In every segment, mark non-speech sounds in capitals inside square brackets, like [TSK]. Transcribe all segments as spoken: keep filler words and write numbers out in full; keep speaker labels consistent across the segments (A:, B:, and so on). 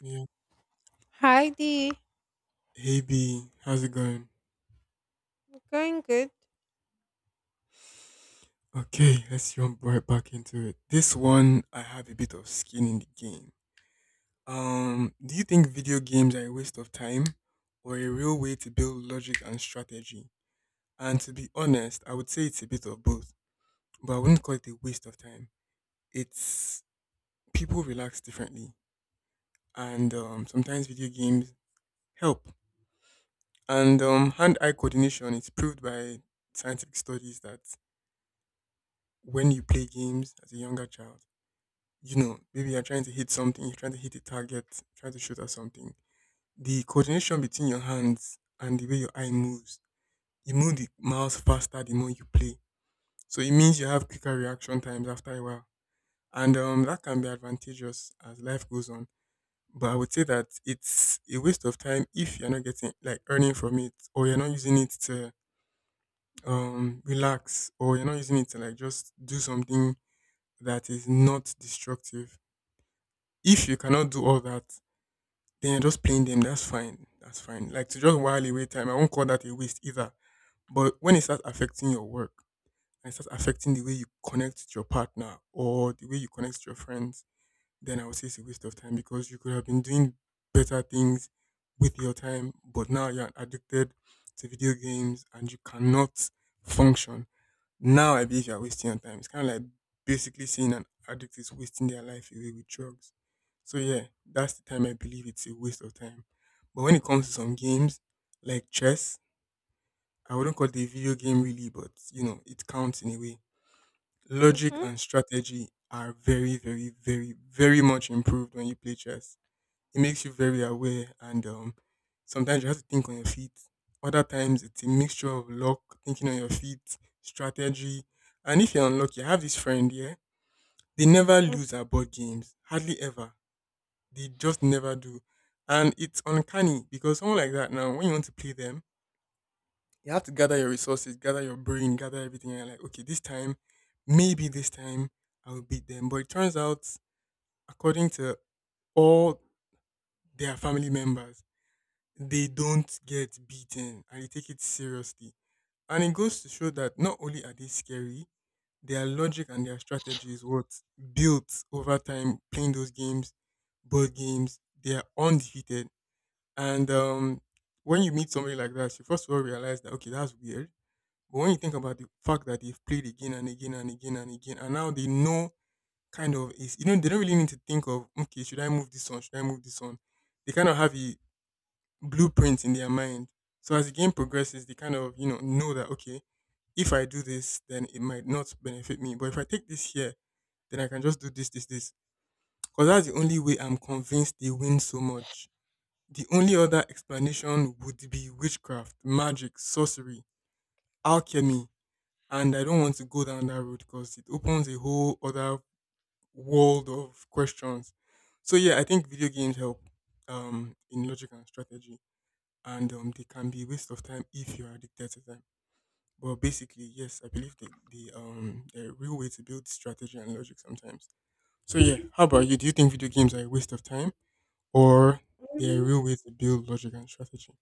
A: Yeah.
B: Hi, Dee.
A: Hey B, how's it going?
B: Going good.
A: Okay, let's jump right back into it. This one, I have a bit of skin in the game. Um, do you think video games are a waste of time or a real way to build logic and strategy? And to be honest, I would say it's a bit of both, but I wouldn't call it a waste of time. It's people relax differently, and um, sometimes video games help. And um, hand-eye coordination is proved by scientific studies that when you play games as a younger child, you know, maybe you're trying to hit something, you're trying to hit a target, trying to shoot at something. The coordination between your hands and the way your eye moves, you move the mouse faster the more you play. So it means you have quicker reaction times after a while. And um, that can be advantageous as life goes on. But I would say that it's a waste of time if you're not getting like earning from it or you're not using it to um relax or you're not using it to like just do something that is not destructive. If you cannot do all that, then you're just playing them. That's fine. That's fine. Like to just while away time, I won't call that a waste either. But when it starts affecting your work and it starts affecting the way you connect to your partner or the way you connect to your friends, then I would say it's a waste of time because you could have been doing better things with your time, but now you're addicted to video games and you cannot function. Now I believe you're wasting your time. It's kind of like basically saying an addict is wasting their life away with drugs. So yeah, that's the time I believe it's a waste of time. But when it comes to some games like chess, I wouldn't call it a video game really, but you know, it counts in a way. Logic
B: Mm-hmm.
A: and strategy are very, very, very, very much improved when you play chess. It makes you very aware, and um, sometimes you have to think on your feet. Other times, it's a mixture of luck, thinking on your feet, strategy. And if you're unlucky, I have this friend here. They never
B: Hmm.
A: lose at board games, hardly ever. They just never do. And it's uncanny because someone like that now, when you want to play them, you have to gather your resources, gather your brain, gather everything. And you're like, okay, this time, maybe this time I will beat them. But it turns out, according to all their family members, they don't get beaten and they take it seriously. And it goes to show that not only are they scary, their logic and their strategy is what built over time playing those games, board games. They are undefeated. And um, when you meet somebody like that, you first of all realize that, okay, that's weird. But when you think about the fact that they've played again and again and again and again, and now they know kind of is, you know, they don't really need to think of, okay, should I move this on? Should I move this on? They kind of have a blueprint in their mind. So as the game progresses, they kind of you know know that okay, if I do this, then it might not benefit me. But if I take this here, then I can just do this, this, this. Because that's the only way I'm convinced they win so much. The only other explanation would be witchcraft, magic, sorcery, alchemy. And I don't want to go down that road because it opens a whole other world of questions. So yeah, I think video games help um, in logic and strategy and um, they can be a waste of time if you're addicted to them. But basically, yes, I believe the the um the real way to build strategy and logic sometimes. So yeah, how about you? Do you think video games are a waste of time, or they're a real way to build logic and strategy?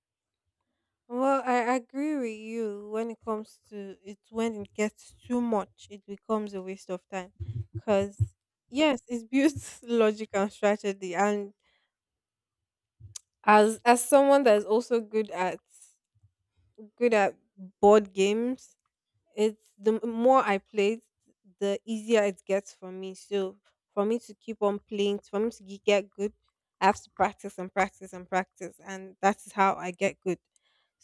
B: Well, I agree with you when it comes to it. When it gets too much, it becomes a waste of time. 'Cause yes, it builds [LAUGHS] logic and strategy. And as as someone that is also good at good at board games, it's the m- more I play it, the easier it gets for me. So for me to keep on playing, for me to ge- get good, I have to practice and practice and practice, and that is how I get good.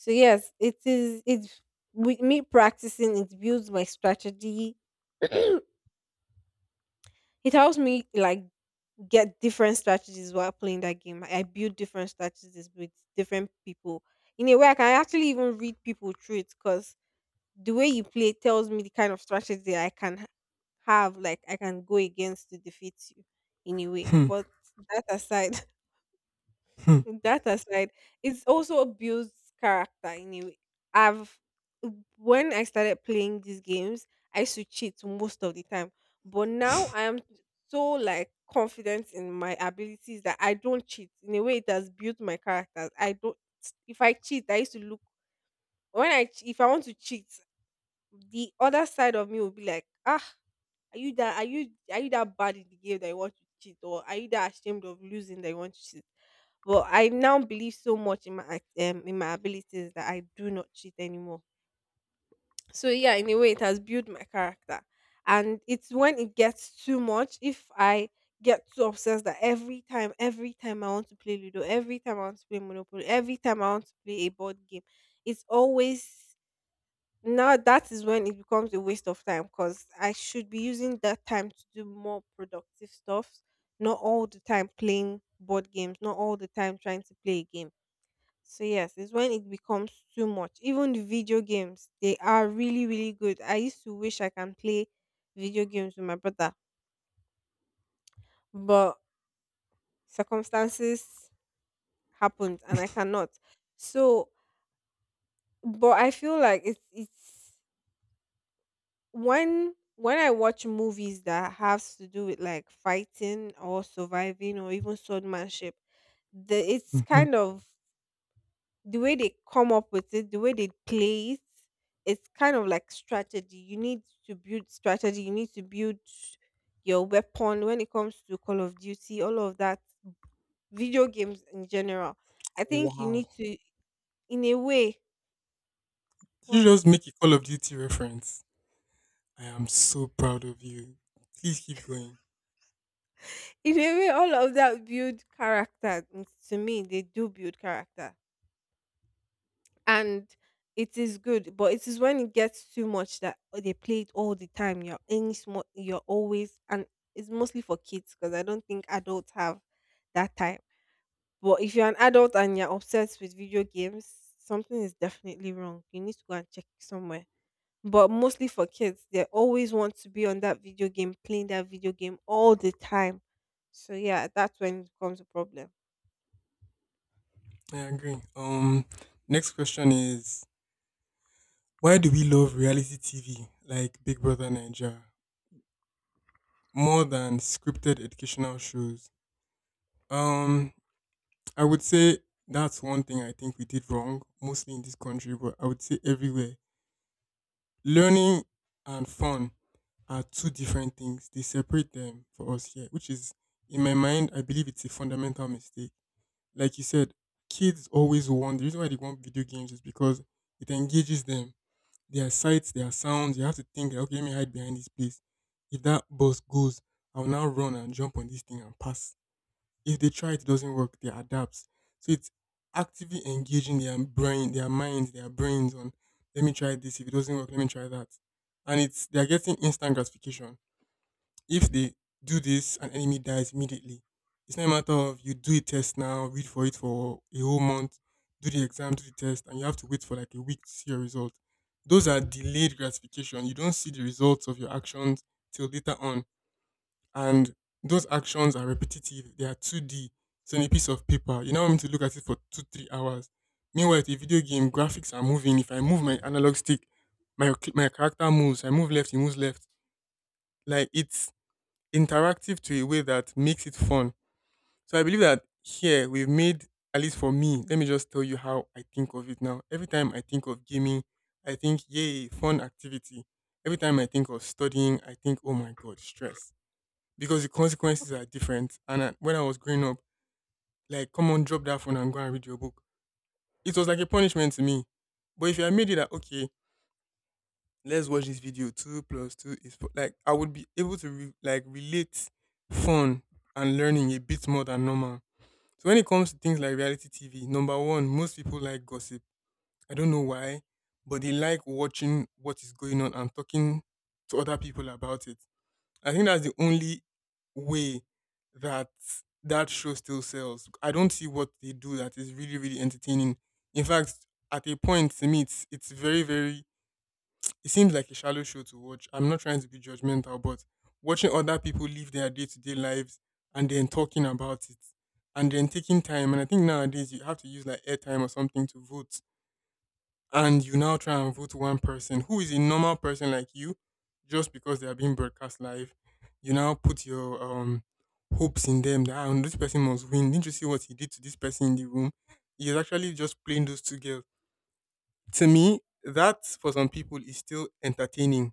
B: So yes, it is. It's with me practicing. It builds my strategy. [COUGHS] [CLEARS THROAT] It helps me like get different strategies while playing that game. I I build different strategies with different people. In a way, I can actually even read people through it because the way you play tells me the kind of strategy I can ha- have, like I can go against to defeat you in a way.
A: Hmm,
B: But that aside,
A: hmm,
B: [LAUGHS] that aside, it's also builds character in a way. I've When I started playing these games, I used to cheat most of the time. But now I am so like confident in my abilities that I don't cheat. In a way, it has built my character. I don't. If I cheat, I used to look when I ch- if I want to cheat, the other side of me will be like, ah, are you that are you are you that bad in the game that you want to cheat, or are you that ashamed of losing that you want to cheat? But I now believe so much in my act- um, in my abilities that I do not cheat anymore. So yeah, in a way, it has built my character, and it's when it gets too much. If I get too obsessed that every time, every time I want to play Ludo, every time I want to play Monopoly, every time I want to play a board game, it's always now that is when it becomes a waste of time because I should be using that time to do more productive stuff, not all the time playing board games, not all the time trying to play a game. So yes, it's when it becomes too much. Even the video games, they are really, really good. I used to wish I can play video games with my brother, but circumstances happened and I cannot. So but I feel like it's it's when when I watch movies that has to do with like fighting or surviving or even swordmanship, the it's
A: hmm, hmm.
B: kind of the way they come up with it, the way they play it, it's kind of like strategy. You need to build strategy. You need to build your weapon when it comes to Call of Duty, all of that, video games in general. I think you
A: Wow!
B: need to, in a way,
A: Did you just
B: wow,
A: make a Call of Duty reference? I am so proud of you. Please keep going.
B: in a way, all of that build character. Mm, To me, they do build character, and it is good, but it is when it gets too much that oh, they play it all the time, you're any small you're always. And it's mostly for kids because I don't think adults have that time. But if you're an adult and you're obsessed with video games, something is definitely wrong. You need to go and check somewhere. But mostly for kids, they always want to be on that video game, playing that video game all the time. So yeah, that's when it becomes a problem.
A: I agree. Um, next question is why do we love reality T V like Big Brother Nigeria? More than scripted educational shows. Um, I would say that's one thing I think we did wrong, mostly in this country, but I would say everywhere. Learning and fun are two different things. They separate them for us here, which is, in my mind, I believe it's a fundamental mistake. Like you said, kids always want, the reason why they want video games is because it engages them. There are sights, there are sounds. You have to think, okay, let me hide behind this place. If that bus goes, I will now run and jump on this thing and pass. If they try it, doesn't work, they adapt. So it's actively engaging their brain, their minds, their brains on let me try this. If it doesn't work, let me try that. And it's they're getting instant gratification. If they do this an enemy dies immediately, it's not a matter of you do a test now, read for it for a whole month, do the exam, do the test, and you have to wait for like a week to see your result. Those are delayed gratification. You don't see the results of your actions till later on and those actions are repetitive. They are two D. So in a piece of paper, you now want me to look at it for two, three hours. Meanwhile, the video game, graphics are moving. If I move my analog stick, my my character moves. I move left, he moves left. Like it's interactive to a way that makes it fun. So I believe that here we've made at least for me. Let me just tell you how I think of it now. Every time I think of gaming, I think yay, fun activity. Every time I think of studying, I think oh my god, stress because the consequences are different. And I, when I was growing up, like, come on, drop that phone and go and read your book. It was like a punishment to me. But if I made it like, okay, let's watch this video. Two plus two is four. Like, I would be able to re- like relate fun and learning a bit more than normal. So when it comes to things like reality T V, number one, most people like gossip. I don't know why, but they like watching what is going on and talking to other people about it. I think that's the only way that that show still sells. I don't see what they do that is really, really entertaining. In fact, at a point to me, it's it's very, very. It seems like a shallow show to watch. I'm not trying to be judgmental, but watching other people live their day to day lives and then talking about it and then taking time. And I think nowadays you have to use like airtime or something to vote and you now try and vote one person who is a normal person like you just because they are being broadcast live you now put your um hopes in them that "Ah, this person must win didn't you see what he did to this person in the room he is actually just playing those two girls to me that for some people is still entertaining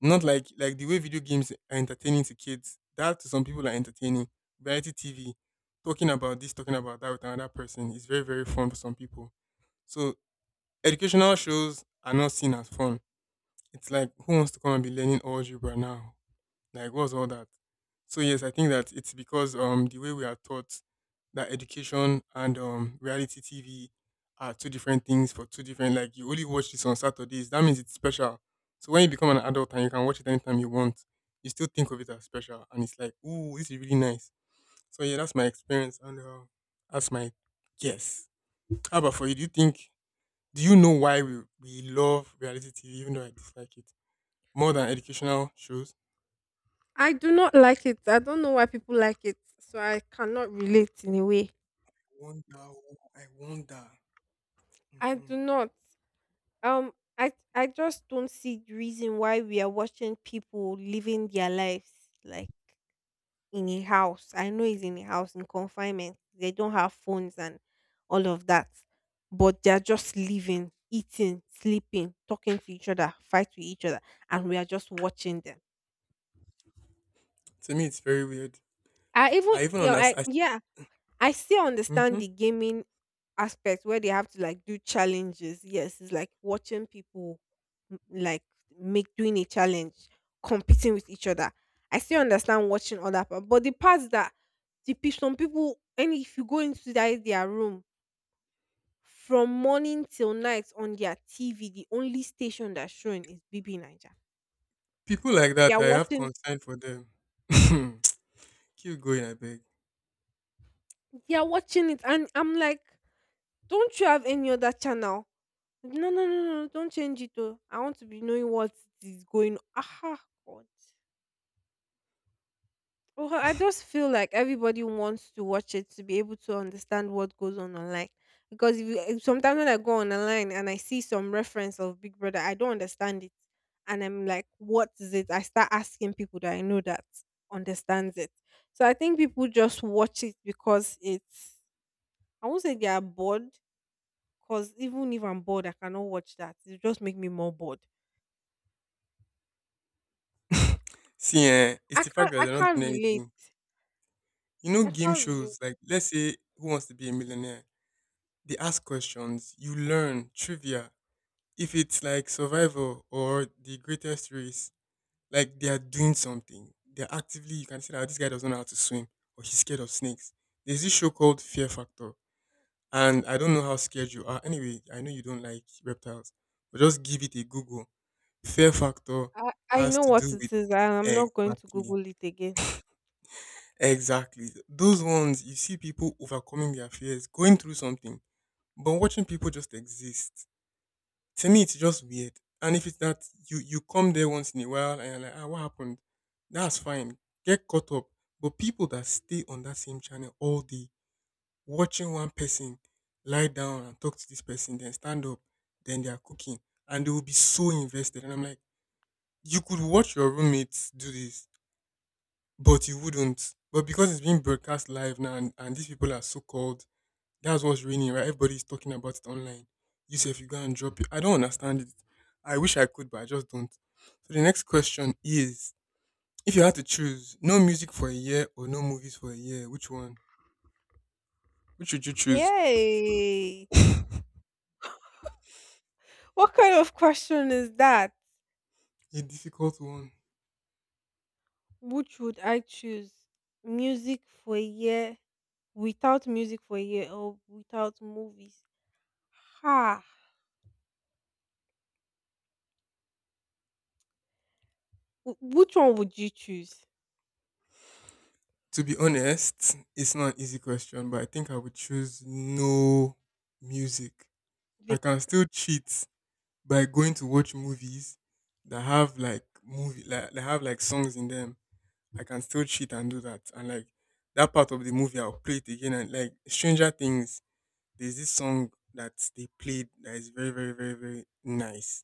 A: not like like the way video games are entertaining to kids that to some people are entertaining. Variety TV talking about this talking about that with another person is very very fun for some people so educational shows are not seen as fun. It's like who wants to come and be learning algebra now? Like what's all that? So yes, I think that it's because um the way we are taught that education and um reality T V are two different things for two different like you only watch this on Saturdays. That means it's special. So when you become an adult and you can watch it anytime you want, you still think of it as special and it's like, ooh, this is really nice. So yeah, that's my experience and uh, that's my guess. How about for you? Do you think do you know why we, we love reality T V, even though I dislike it more than educational shows?
B: I do not like it. I don't know why people like it, so I cannot relate in a way.
A: I wonder. Oh, I wonder.
B: I
A: Hmm.
B: do not. Um, I I just don't see the reason why we are watching people living their lives like in a house. I know it's in a house in confinement. They don't have phones and all of that, but they are just living, eating, sleeping, talking to each other, fight with each other, and we are just watching them.
A: To me, it's very weird.
B: I even
A: I even
B: you know, I
A: understand.
B: yeah, I still understand
A: Hmm.
B: the gaming aspect where they have to like do challenges. Yes, it's like watching people m- like make doing a challenge, competing with each other. I still understand watching other part, but the parts that the pe- some people, and if you go into that their room from morning till night on their T V, the only station that's showing is B B Niger.
A: People like
B: They
A: that,
B: are
A: I have
B: watching.
A: concern for them. [SNIFFS] [CLEARS THROAT] Keep going, I beg.
B: They are watching it, and I'm like, don't you have any other channel? No, no, no, no, no. Don't change it though. I want to be knowing what is going. Aha, God. Oh, I just feel like everybody wants to watch it to be able to understand what goes on online. Because if you, if sometimes when I go on online and I see some reference of Big Brother, I don't understand it. And I'm like, what is it? I start asking people that I know that understands it. So I think people just watch it because it's, I won't say they are bored, because even if I'm bored, I cannot watch that. It just make me more bored.
A: [SNIFFS] [CLEARS THROAT] See, eh, it's
B: I
A: the fact
B: can't
A: that
B: I
A: they're not
B: can't
A: doing
B: relate.
A: anything. You know,
B: I
A: game
B: can't relate.
A: shows, like, let's say, Who Wants to Be a Millionaire? They ask questions, you learn trivia. If it's like Survivor or The Greatest Race, like they are doing something. They're actively, you can see that this guy doesn't know how to swim or he's scared of snakes. There's this show called Fear Factor. And I don't know how scared you are. Anyway, I know you don't like reptiles, but just give it a Google. Fear Factor
B: I, I
A: has
B: know
A: to do
B: what it
A: with
B: is and I'm not going to
A: exactly,
B: Google it again.
A: exactly. Those ones, you see people overcoming their fears, going through something, but watching people just exist, to me it's just weird. And if it's that you you come there once in a while and you're like, ah, what happened? That's fine. Get caught up. But people that stay on that same channel all day, watching one person lie down and talk to this person, then stand up, then they are cooking, and they will be so invested. And I'm like, you could watch your roommates do this, but you wouldn't. But because it's being broadcast live now, and, and these people are so called, that's what's raining, right? Everybody's talking about it online. You say if you go and drop it. I don't understand it. I wish I could, but I just don't. So the next question is, if you had to choose no music for a year or no movies for a year, which one? Which would you choose?
B: Yay! What kind of question is that?
A: A difficult one.
B: Which would I choose? Music for a year. Without music for a year or without movies? Ha! Wh- which one would you choose?
A: To be honest, it's not an easy question, but I think I would choose no music. I
B: Bec
A: can still cheat by going to watch movies that have like movie like that have like songs in them. I can still cheat and do that. And like that part of the movie, I'll play it again. And like Stranger Things, there's this song that they played that is very, very, very, very nice.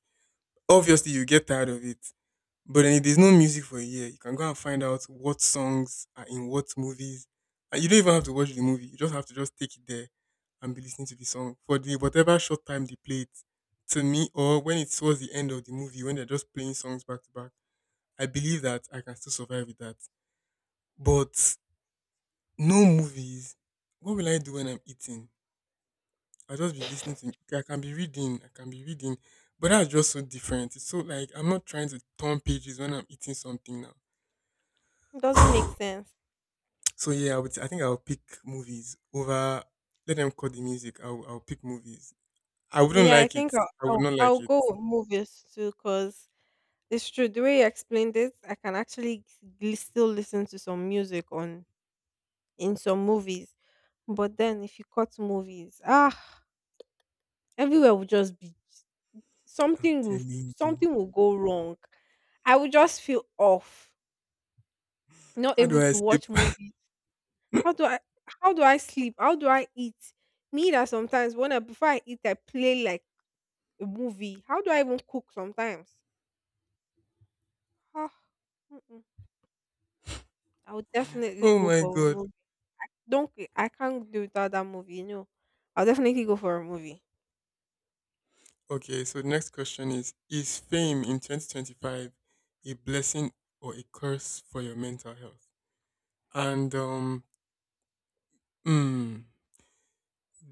A: Obviously, you get tired of it, but then if there's no music for a year, you can go and find out what songs are in what movies. And you don't even have to watch the movie. You just have to just take it there and be listening to the song for the whatever short time they play it, to me, or when it towards the end of the movie when they're just playing songs back to back. I believe that I can still survive with that. But no movies. What will I do when I'm eating? I'll just be listening to. Okay, I can be reading, I can be reading, but that's just so different. It's so like I'm not trying to turn pages when I'm eating something
B: it doesn't make
A: now.
B: sense.
A: [SIGHS] So yeah, I would I think I'll pick movies over, let them cut the music. I'll I'll pick movies. I wouldn't
B: Yeah, I
A: like it.
B: think I'll
A: I would
B: I'll,
A: not like
B: I'll
A: it.
B: go with movies too because it's true. The way you explained it, I can actually gl- still listen to some music on in some movies. But then if you cut movies, ah, everywhere will just be
A: I'm
B: something will
A: telling you.
B: something will go wrong. I will just feel off, not
A: How do
B: able
A: I
B: to
A: escape?
B: watch movies. How do I how do I sleep? How do I eat? Me that sometimes when I before I eat I play like a movie. How do I even cook sometimes? Ah, mm-mm. I would
A: [LAUGHS]
B: definitely
A: Oh
B: go
A: my
B: for a
A: god.
B: movie. Don't c- I can't do without that movie. No, I'll definitely go for a movie.
A: Okay, so the next question is Is fame in twenty twenty-five a blessing or a curse for your mental health? And um, mm,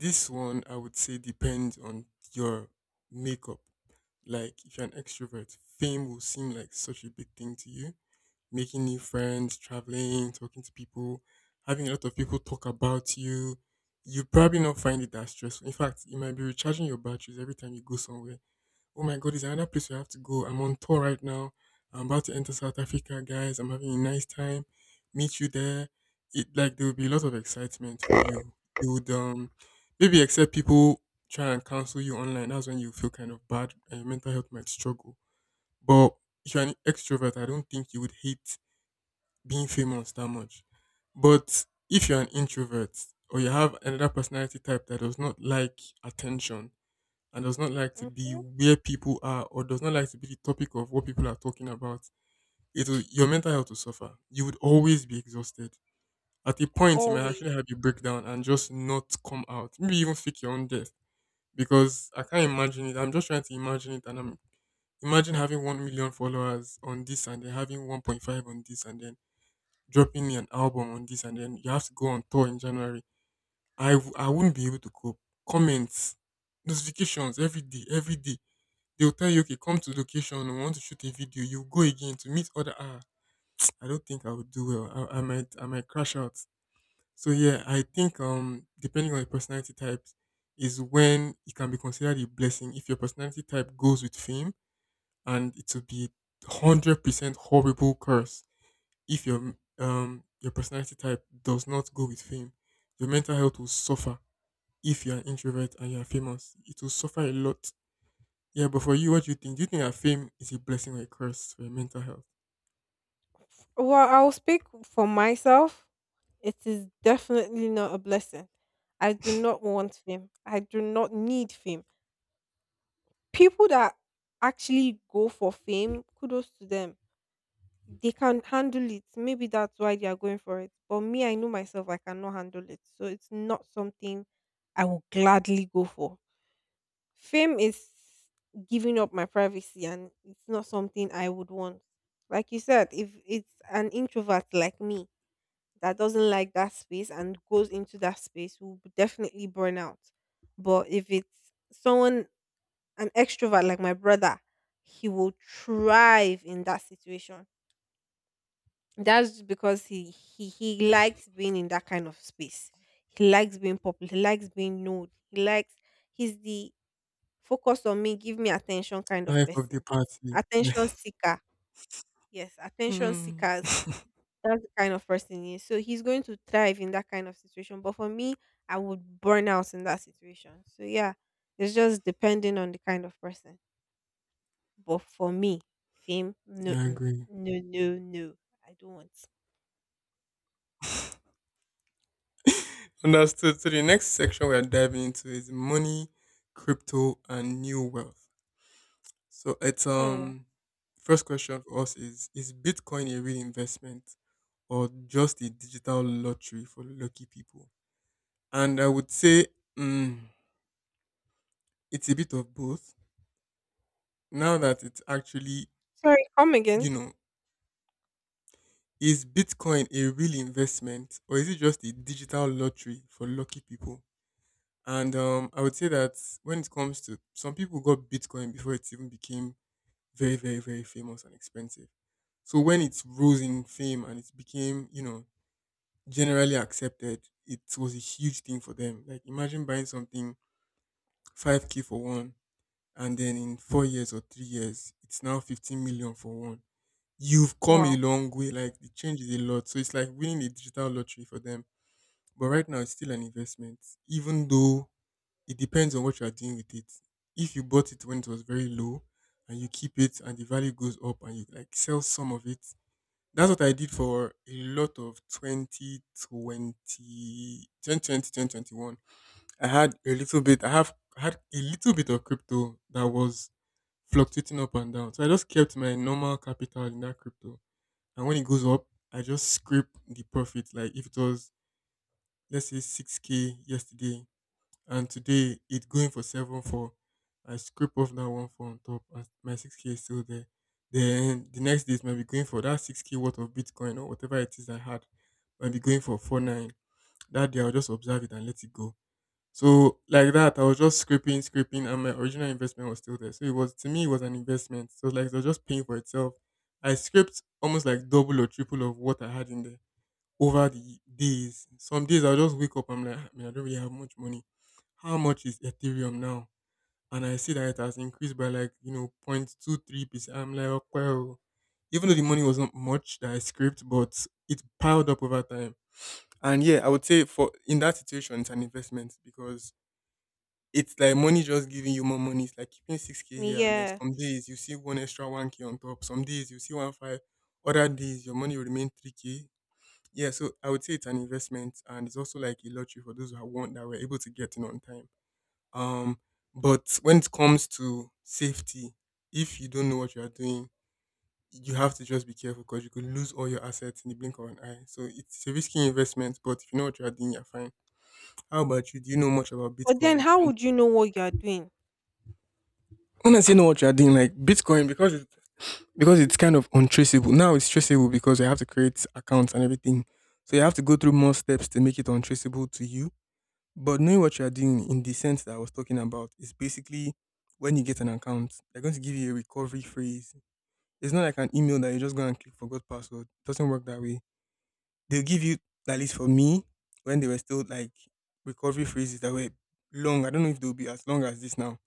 A: this one I would say depends on your makeup. Like if you're an extrovert, fame will seem like such a big thing to you. Making new friends, traveling, talking to people, having a lot of people talk about you. You probably not find it that stressful. In fact, it might be recharging your batteries every time you go somewhere. Oh my God, is another place we have to go? I'm on tour right now. I'm about to enter South Africa, guys. I'm having a nice time. Meet you there. It like there will be a lot of excitement for you. You would um maybe except people try and cancel you online. That's when you feel kind of bad and your mental health might struggle. But if you're an extrovert, I don't think you would hate being famous that much. But if you're an introvert or you have another personality type that does not like attention, and does not like to be
B: Mm-hmm.
A: where people are or does not like to be the topic of what people are talking about, it will, your mental health will suffer. You would always be exhausted. At a point, you might
B: Always.
A: actually have a breakdown and just not come out. Maybe even fake your own death because I can't imagine it. I'm just trying to imagine it, and I'm, imagine having one million followers on this and then having one point five on this and then dropping an album on this and then you have to go on tour in January. I w- I wouldn't be able to cope. Comments, notifications every day, every day. They'll tell you, okay, come to location. We want to shoot a video. You go again to meet other. Ah, [TSK] I don't think I would do well. I, I might, I might crash out. So yeah, I think um, depending on your personality types, is when it can be considered a blessing if your personality type goes with fame, and it will be hundred percent horrible curse if your um your personality type does not go with fame. Your mental health will suffer if you're an introvert and you're famous. It will suffer a lot. Yeah, but for you, what do you think? Do you think that fame is a blessing or a curse for your mental health?
B: Well, I'll speak for myself. It is definitely not a blessing. I do not want fame. I do not need fame. People that actually go for fame, kudos to them. They can handle it. Maybe that's why they are going for it. But me, I know myself, I cannot handle it. So it's not something I will gladly go for. Fame is giving up my privacy and it's not something I would want. Like you said, if it's an introvert like me that doesn't like that space and goes into that space, will b- definitely burn out. But if it's someone, an extrovert like my brother, he will thrive in that situation. That's because he he he likes being in that kind of space. He likes being popular. He likes being known. He likes he's the focus on me, give me attention kind of
A: Life of the
B: person.
A: party. Yeah,
B: Attention seeker. Yes,
A: [LAUGHS]
B: attention
A: hmm.
B: seekers. That's the kind of person he is. So he's going to thrive in that kind of situation. But for me, I would burn out in that situation. So yeah, it's just depending on the kind of person. But for me, fame, no,
A: Yeah, I
B: mm,
A: agree.
B: no, no, no, I don't want.
A: Understood. So the next section we are diving into is money, crypto, and new wealth. So it's
B: Hmm.
A: um first question for us is is Bitcoin a real investment or just a digital lottery for lucky people? And I would say, mm, it's a bit of both. Now that it's actually,
B: Sorry, come
A: you
B: again.
A: know, is Bitcoin a real investment or is it just a digital lottery for lucky people? And um, I would say that when it comes to, some people got Bitcoin before it even became very, very, very famous and expensive. So when it rose in fame and it became, you know, generally accepted, it was a huge thing for them. Like imagine buying something five K for one and then in four years or three years, it's now fifteen million for one. You've come a
B: Wow.
A: long way. Like the change is a lot. So it's like winning a digital lottery for them. But right now, it's still an investment, even though it depends on what you are doing with it. If you bought it when it was very low and you keep it and the value goes up and you like sell some of it, that's what I did for a lot of twenty twenty, twenty twenty, twenty twenty-one. I had a little bit, I have I had a little bit of crypto that was fluctuating up and down. So I just kept my normal capital in that crypto. And when it goes up, I just scrape the profit. Like if it was, let's say, six K yesterday and today it going for seven four. I scrape off that one four on top, and my six k is still there. Then the next day it might be going for that six k worth of Bitcoin or whatever it is I had, might be going for four nine. That day I'll just observe it and let it go. So like that, I was just scraping, scraping, and my original investment was still there. So it was, to me, it was an investment. So like it was just paying for itself. I scraped almost like double or triple of what I had in there over the days. Some days I'll just wake up, I'm like, "Ah, man, I don't really have much money. How much is Ethereum now?" And I see that it has increased by like, you know, zero point two three percent. I'm like, "Okay, oh, well," even though the money wasn't much that I scraped, but it piled up over time. And yeah, I would say for, in that situation, it's an investment because it's like money just giving you more money. It's like keeping six K here, and then some
B: Yes.
A: days you see one extra one K on top. Some days you see one five. Other days, your money will remain three K. Yeah, so I would say it's an investment, and it's also like a lottery for those who have won, that were able to get in on time. Um, but when it comes to safety, if you don't know what you are doing, you have to just be careful because you could lose all your assets in the blink of an eye. So it's a risky investment, but if you know what you are doing, you're fine. How about you? Do you know much about
B: But then
A: Bitcoin?
B: how
A: And
B: would you know what you are doing?
A: when I say know what you are doing, like Bitcoin, because it's, because it's kind of untraceable. Now it's traceable because you have to create accounts and everything. So you have to go through more steps to make it untraceable to you. But knowing what you are doing in the sense that I was talking about is basically when you get an account, they're going to give you a recovery phrase. It's not like an email that you just go and click forgot password. It doesn't work that way. They'll give you, at least for me, when they were still like recovery phrases that were long. I don't know if they'll be as long as this now.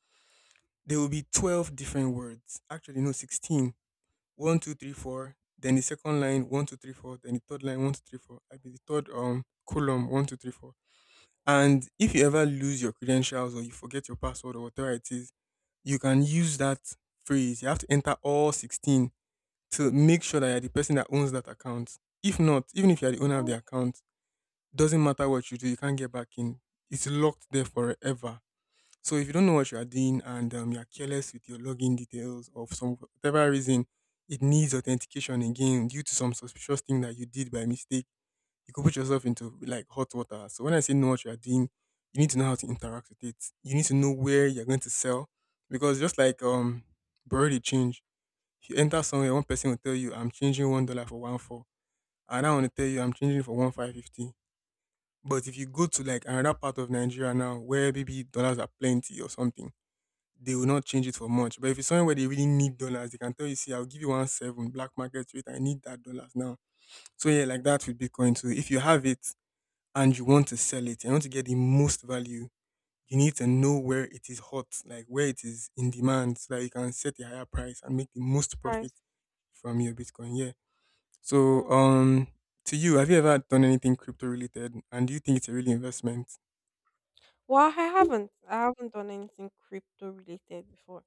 A: There will be twelve different words. Actually, no, sixteen. One, two, three, four. Then the second line, one, two, three, four. Then the third line, one, two, three, four. I be the third um column, one, two, three, four, and if you ever lose your credentials or you forget your password or whatever it is, you can use that phrase. You have to enter all sixteen to make sure that you're the person that owns that account. If not, even if you're the owner of the account, doesn't matter what you do, you can't get back in. It's locked there forever. So if you don't know what you are doing and um, you're careless with your login details or for some whatever reason, it needs authentication again due to some suspicious thing that you did by mistake, you could put yourself into like hot water. So when I say know what you are doing, you need to know how to interact with it. You need to know where you're going to sell because just like um borrow the change. If you enter somewhere, one person will tell you, "I'm changing one dollar for one four," and I want to tell you, "I'm changing for one five fifty." But if you go to like another part of Nigeria now, where maybe dollars are plenty or something, they will not change it for much. But if it's somewhere where they really need dollars, they can tell you, "See, I'll give you one seven black market rate. I need that dollars now." So yeah, like that with Bitcoin too. If you have it, and you want to sell it, you want to get the most value, you need to know where it is hot, like where it is in demand, so that you can set a higher price and make the most profit
B: Price.
A: from your Bitcoin. Yeah. So,
B: Hmm.
A: um, to you, have you ever done anything crypto related, and do you think it's a real investment?
B: Well, I haven't. I haven't done anything crypto related before.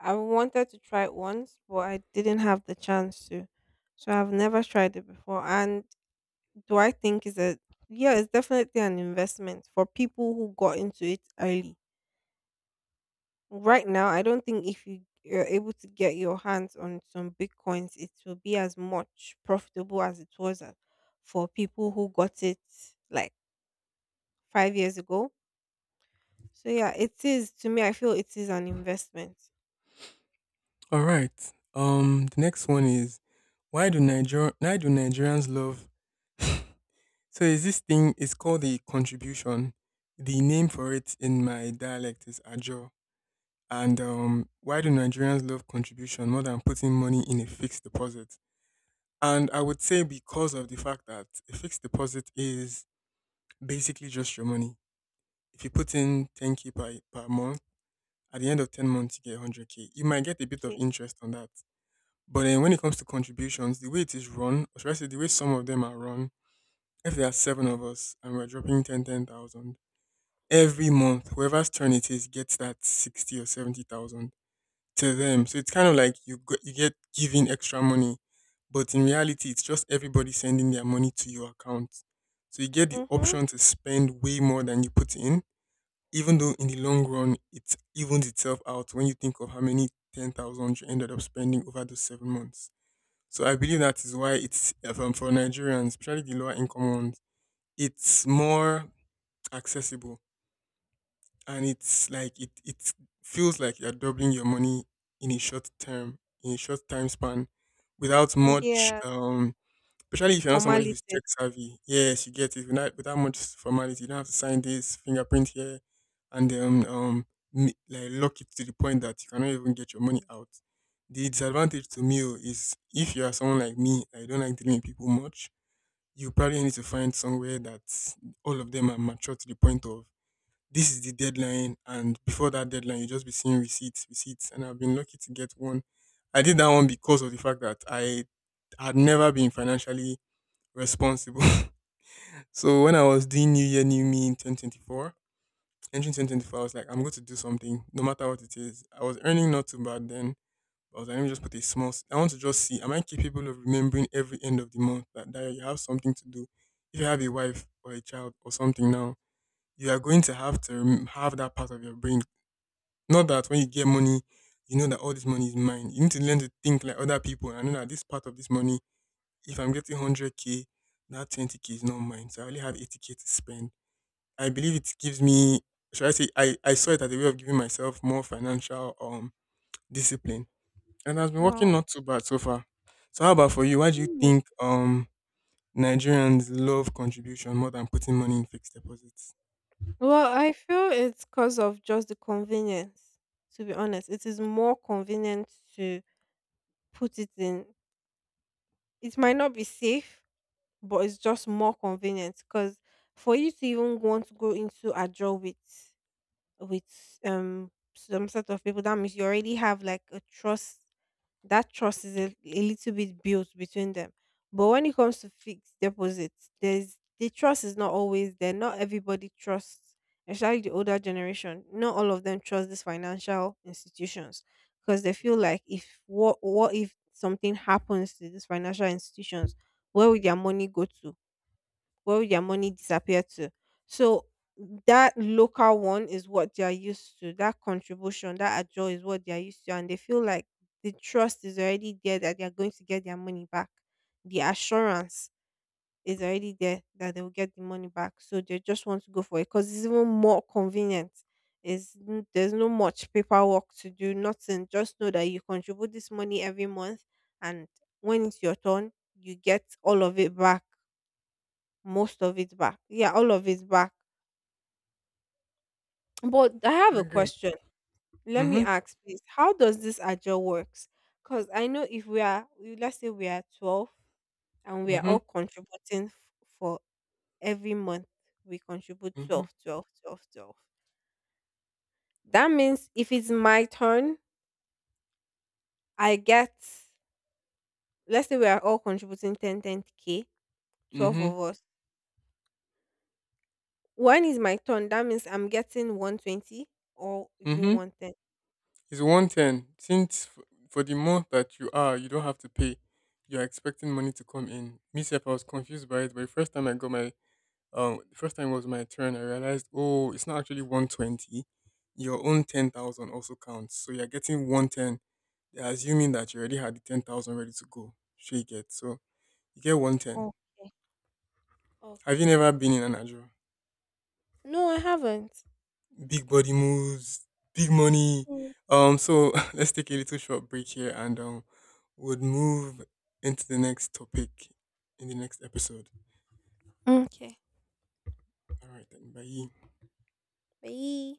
B: I wanted to try it once, but I didn't have the chance to. So I've never tried it before. And do I think is a yeah, it's definitely an investment for people who got into it early. Right now, I don't think if you you're able to get your hands on some bitcoins, it will be as much profitable as it was uh, for people who got it like five years ago. So yeah, it is to me. I feel it is an investment.
A: All right. Um, the next one is why do Niger why do Nigerians love? So is this thing? It's called the contribution. The name for it in my dialect is ajo. And um, why do Nigerians love contribution more than putting money in a fixed deposit? And I would say because of the fact that a fixed deposit is basically just your money. If you put in ten k per, per month, at the end of ten months, you get one hundred k. You might get a bit of
B: Okay.
A: interest on that. But then when it comes to contributions, the way it is run, or should I say the way some of them are run, if there are seven of us and we're dropping ten ten thousand every month, whoever's turn it is gets that sixty or seventy thousand to them. So it's kind of like you go, you get given extra money, but in reality, it's just everybody sending their money to your account. So you get the
B: Mhm.
A: option to spend way more than you put in, even though in the long run it evens itself out when you think of how many ten thousand you ended up spending over those seven months. So I believe that is why it's uh, for for Nigerians, especially the lower income ones, it's more accessible, and it's like it it feels like you're doubling your money in a short term in a short time span without much
B: Yeah.
A: um especially if you're not somebody who's tech
B: Formalities.
A: savvy. Yes, you get it without without much formality. You don't have to sign this, fingerprint here, and then um m- like lock it to the point that you cannot even get your money out. The disadvantage to me, oh, is if you are someone like me, I don't like dealing with people much. You probably need to find somewhere that all of them are mature to the point of, this is the deadline, and before that deadline you just be seeing receipts, receipts. And I've been lucky to get one. I did that one because of the fact that I had never been financially responsible. [LAUGHS] So when I was doing new year, new me in twenty twenty-four, entering twenty twenty-four, I was like, I'm going to do something no matter what it is. I was earning not too bad then. But I was like, let me just put a small s- I want to just see, am I capable of remembering every end of the month that, that you have something to do. If you have a wife or a child or something now, you are going to have to rem- have that part of your brain. Not that when you get money, you know that all this money is mine. You need to learn to think like other people. And I know that this part of this money, if I'm getting one hundred k, that twenty k is not mine. So I only have eighty k to spend. I believe it gives me, should I say, I, I saw it as a way of giving myself more financial um discipline. And it has been working
B: Wow.
A: not too bad so far. So how about for you? Why do you
B: Mm.
A: think um Nigerians love contribution more than putting money in fixed deposits?
B: Well, I feel it's because of just the convenience. To be honest, it is more convenient to put it in. It might not be safe, but it's just more convenient because for you to even want to go into a draw with with um some set of people, that means you already have like a trust that trust is a, a little bit built between them. But when it comes to fixed deposits, there's the trust is not always there. Not everybody trusts, especially the older generation. Not all of them trust these financial institutions because they feel like if what what if something happens to these financial institutions, where will their money go to? Where would their money disappear to? So that local one is what they are used to. That contribution, that ajo is what they are used to, and they feel like the trust is already there that they are going to get their money back. The assurance is already there that they will get the money back. So they just want to go for it because it's even more convenient. Is there's no much paperwork to do, nothing. Just know that you contribute this money every month, and when it's your turn, you get all of it back, most of it back. Yeah, all of it back. But I have
A: I
B: a
A: agree.
B: question. Let me
A: Mm-hmm.
B: ask, please. How does this agile works? Because I know if we are, we- let's say we are twelve and we are
A: Mm-hmm.
B: all contributing f- for every month, we contribute
A: Mm-hmm.
B: twelve, twelve, twelve, twelve. That means if it's my turn, I get, let's say we are all contributing ten, ten k twelve of us. When is my turn? That means I'm getting one twenty or is it
A: Mm-hmm.
B: one ten?
A: It's one ten. Since f- for the month that you are, you don't have to pay. You are expecting money to come in. Me self, I was confused by it, but the first time I got my um, the first time it was my turn, I realized, oh, it's not actually one twenty. Your own ten thousand also counts, so you're getting one ten. They're assuming that you already had the ten thousand ready to go. Sure, you get, so you get one ten.
B: Okay.
A: Have you
B: Okay.
A: never been in an Adro?
B: No, I haven't.
A: Big body moves, big money.
B: Mm.
A: Um, so [LAUGHS] let's take a little short break here, and um, we'll move into the next topic in the next episode.
B: Okay.
A: All right, then. Bye.
B: Bye.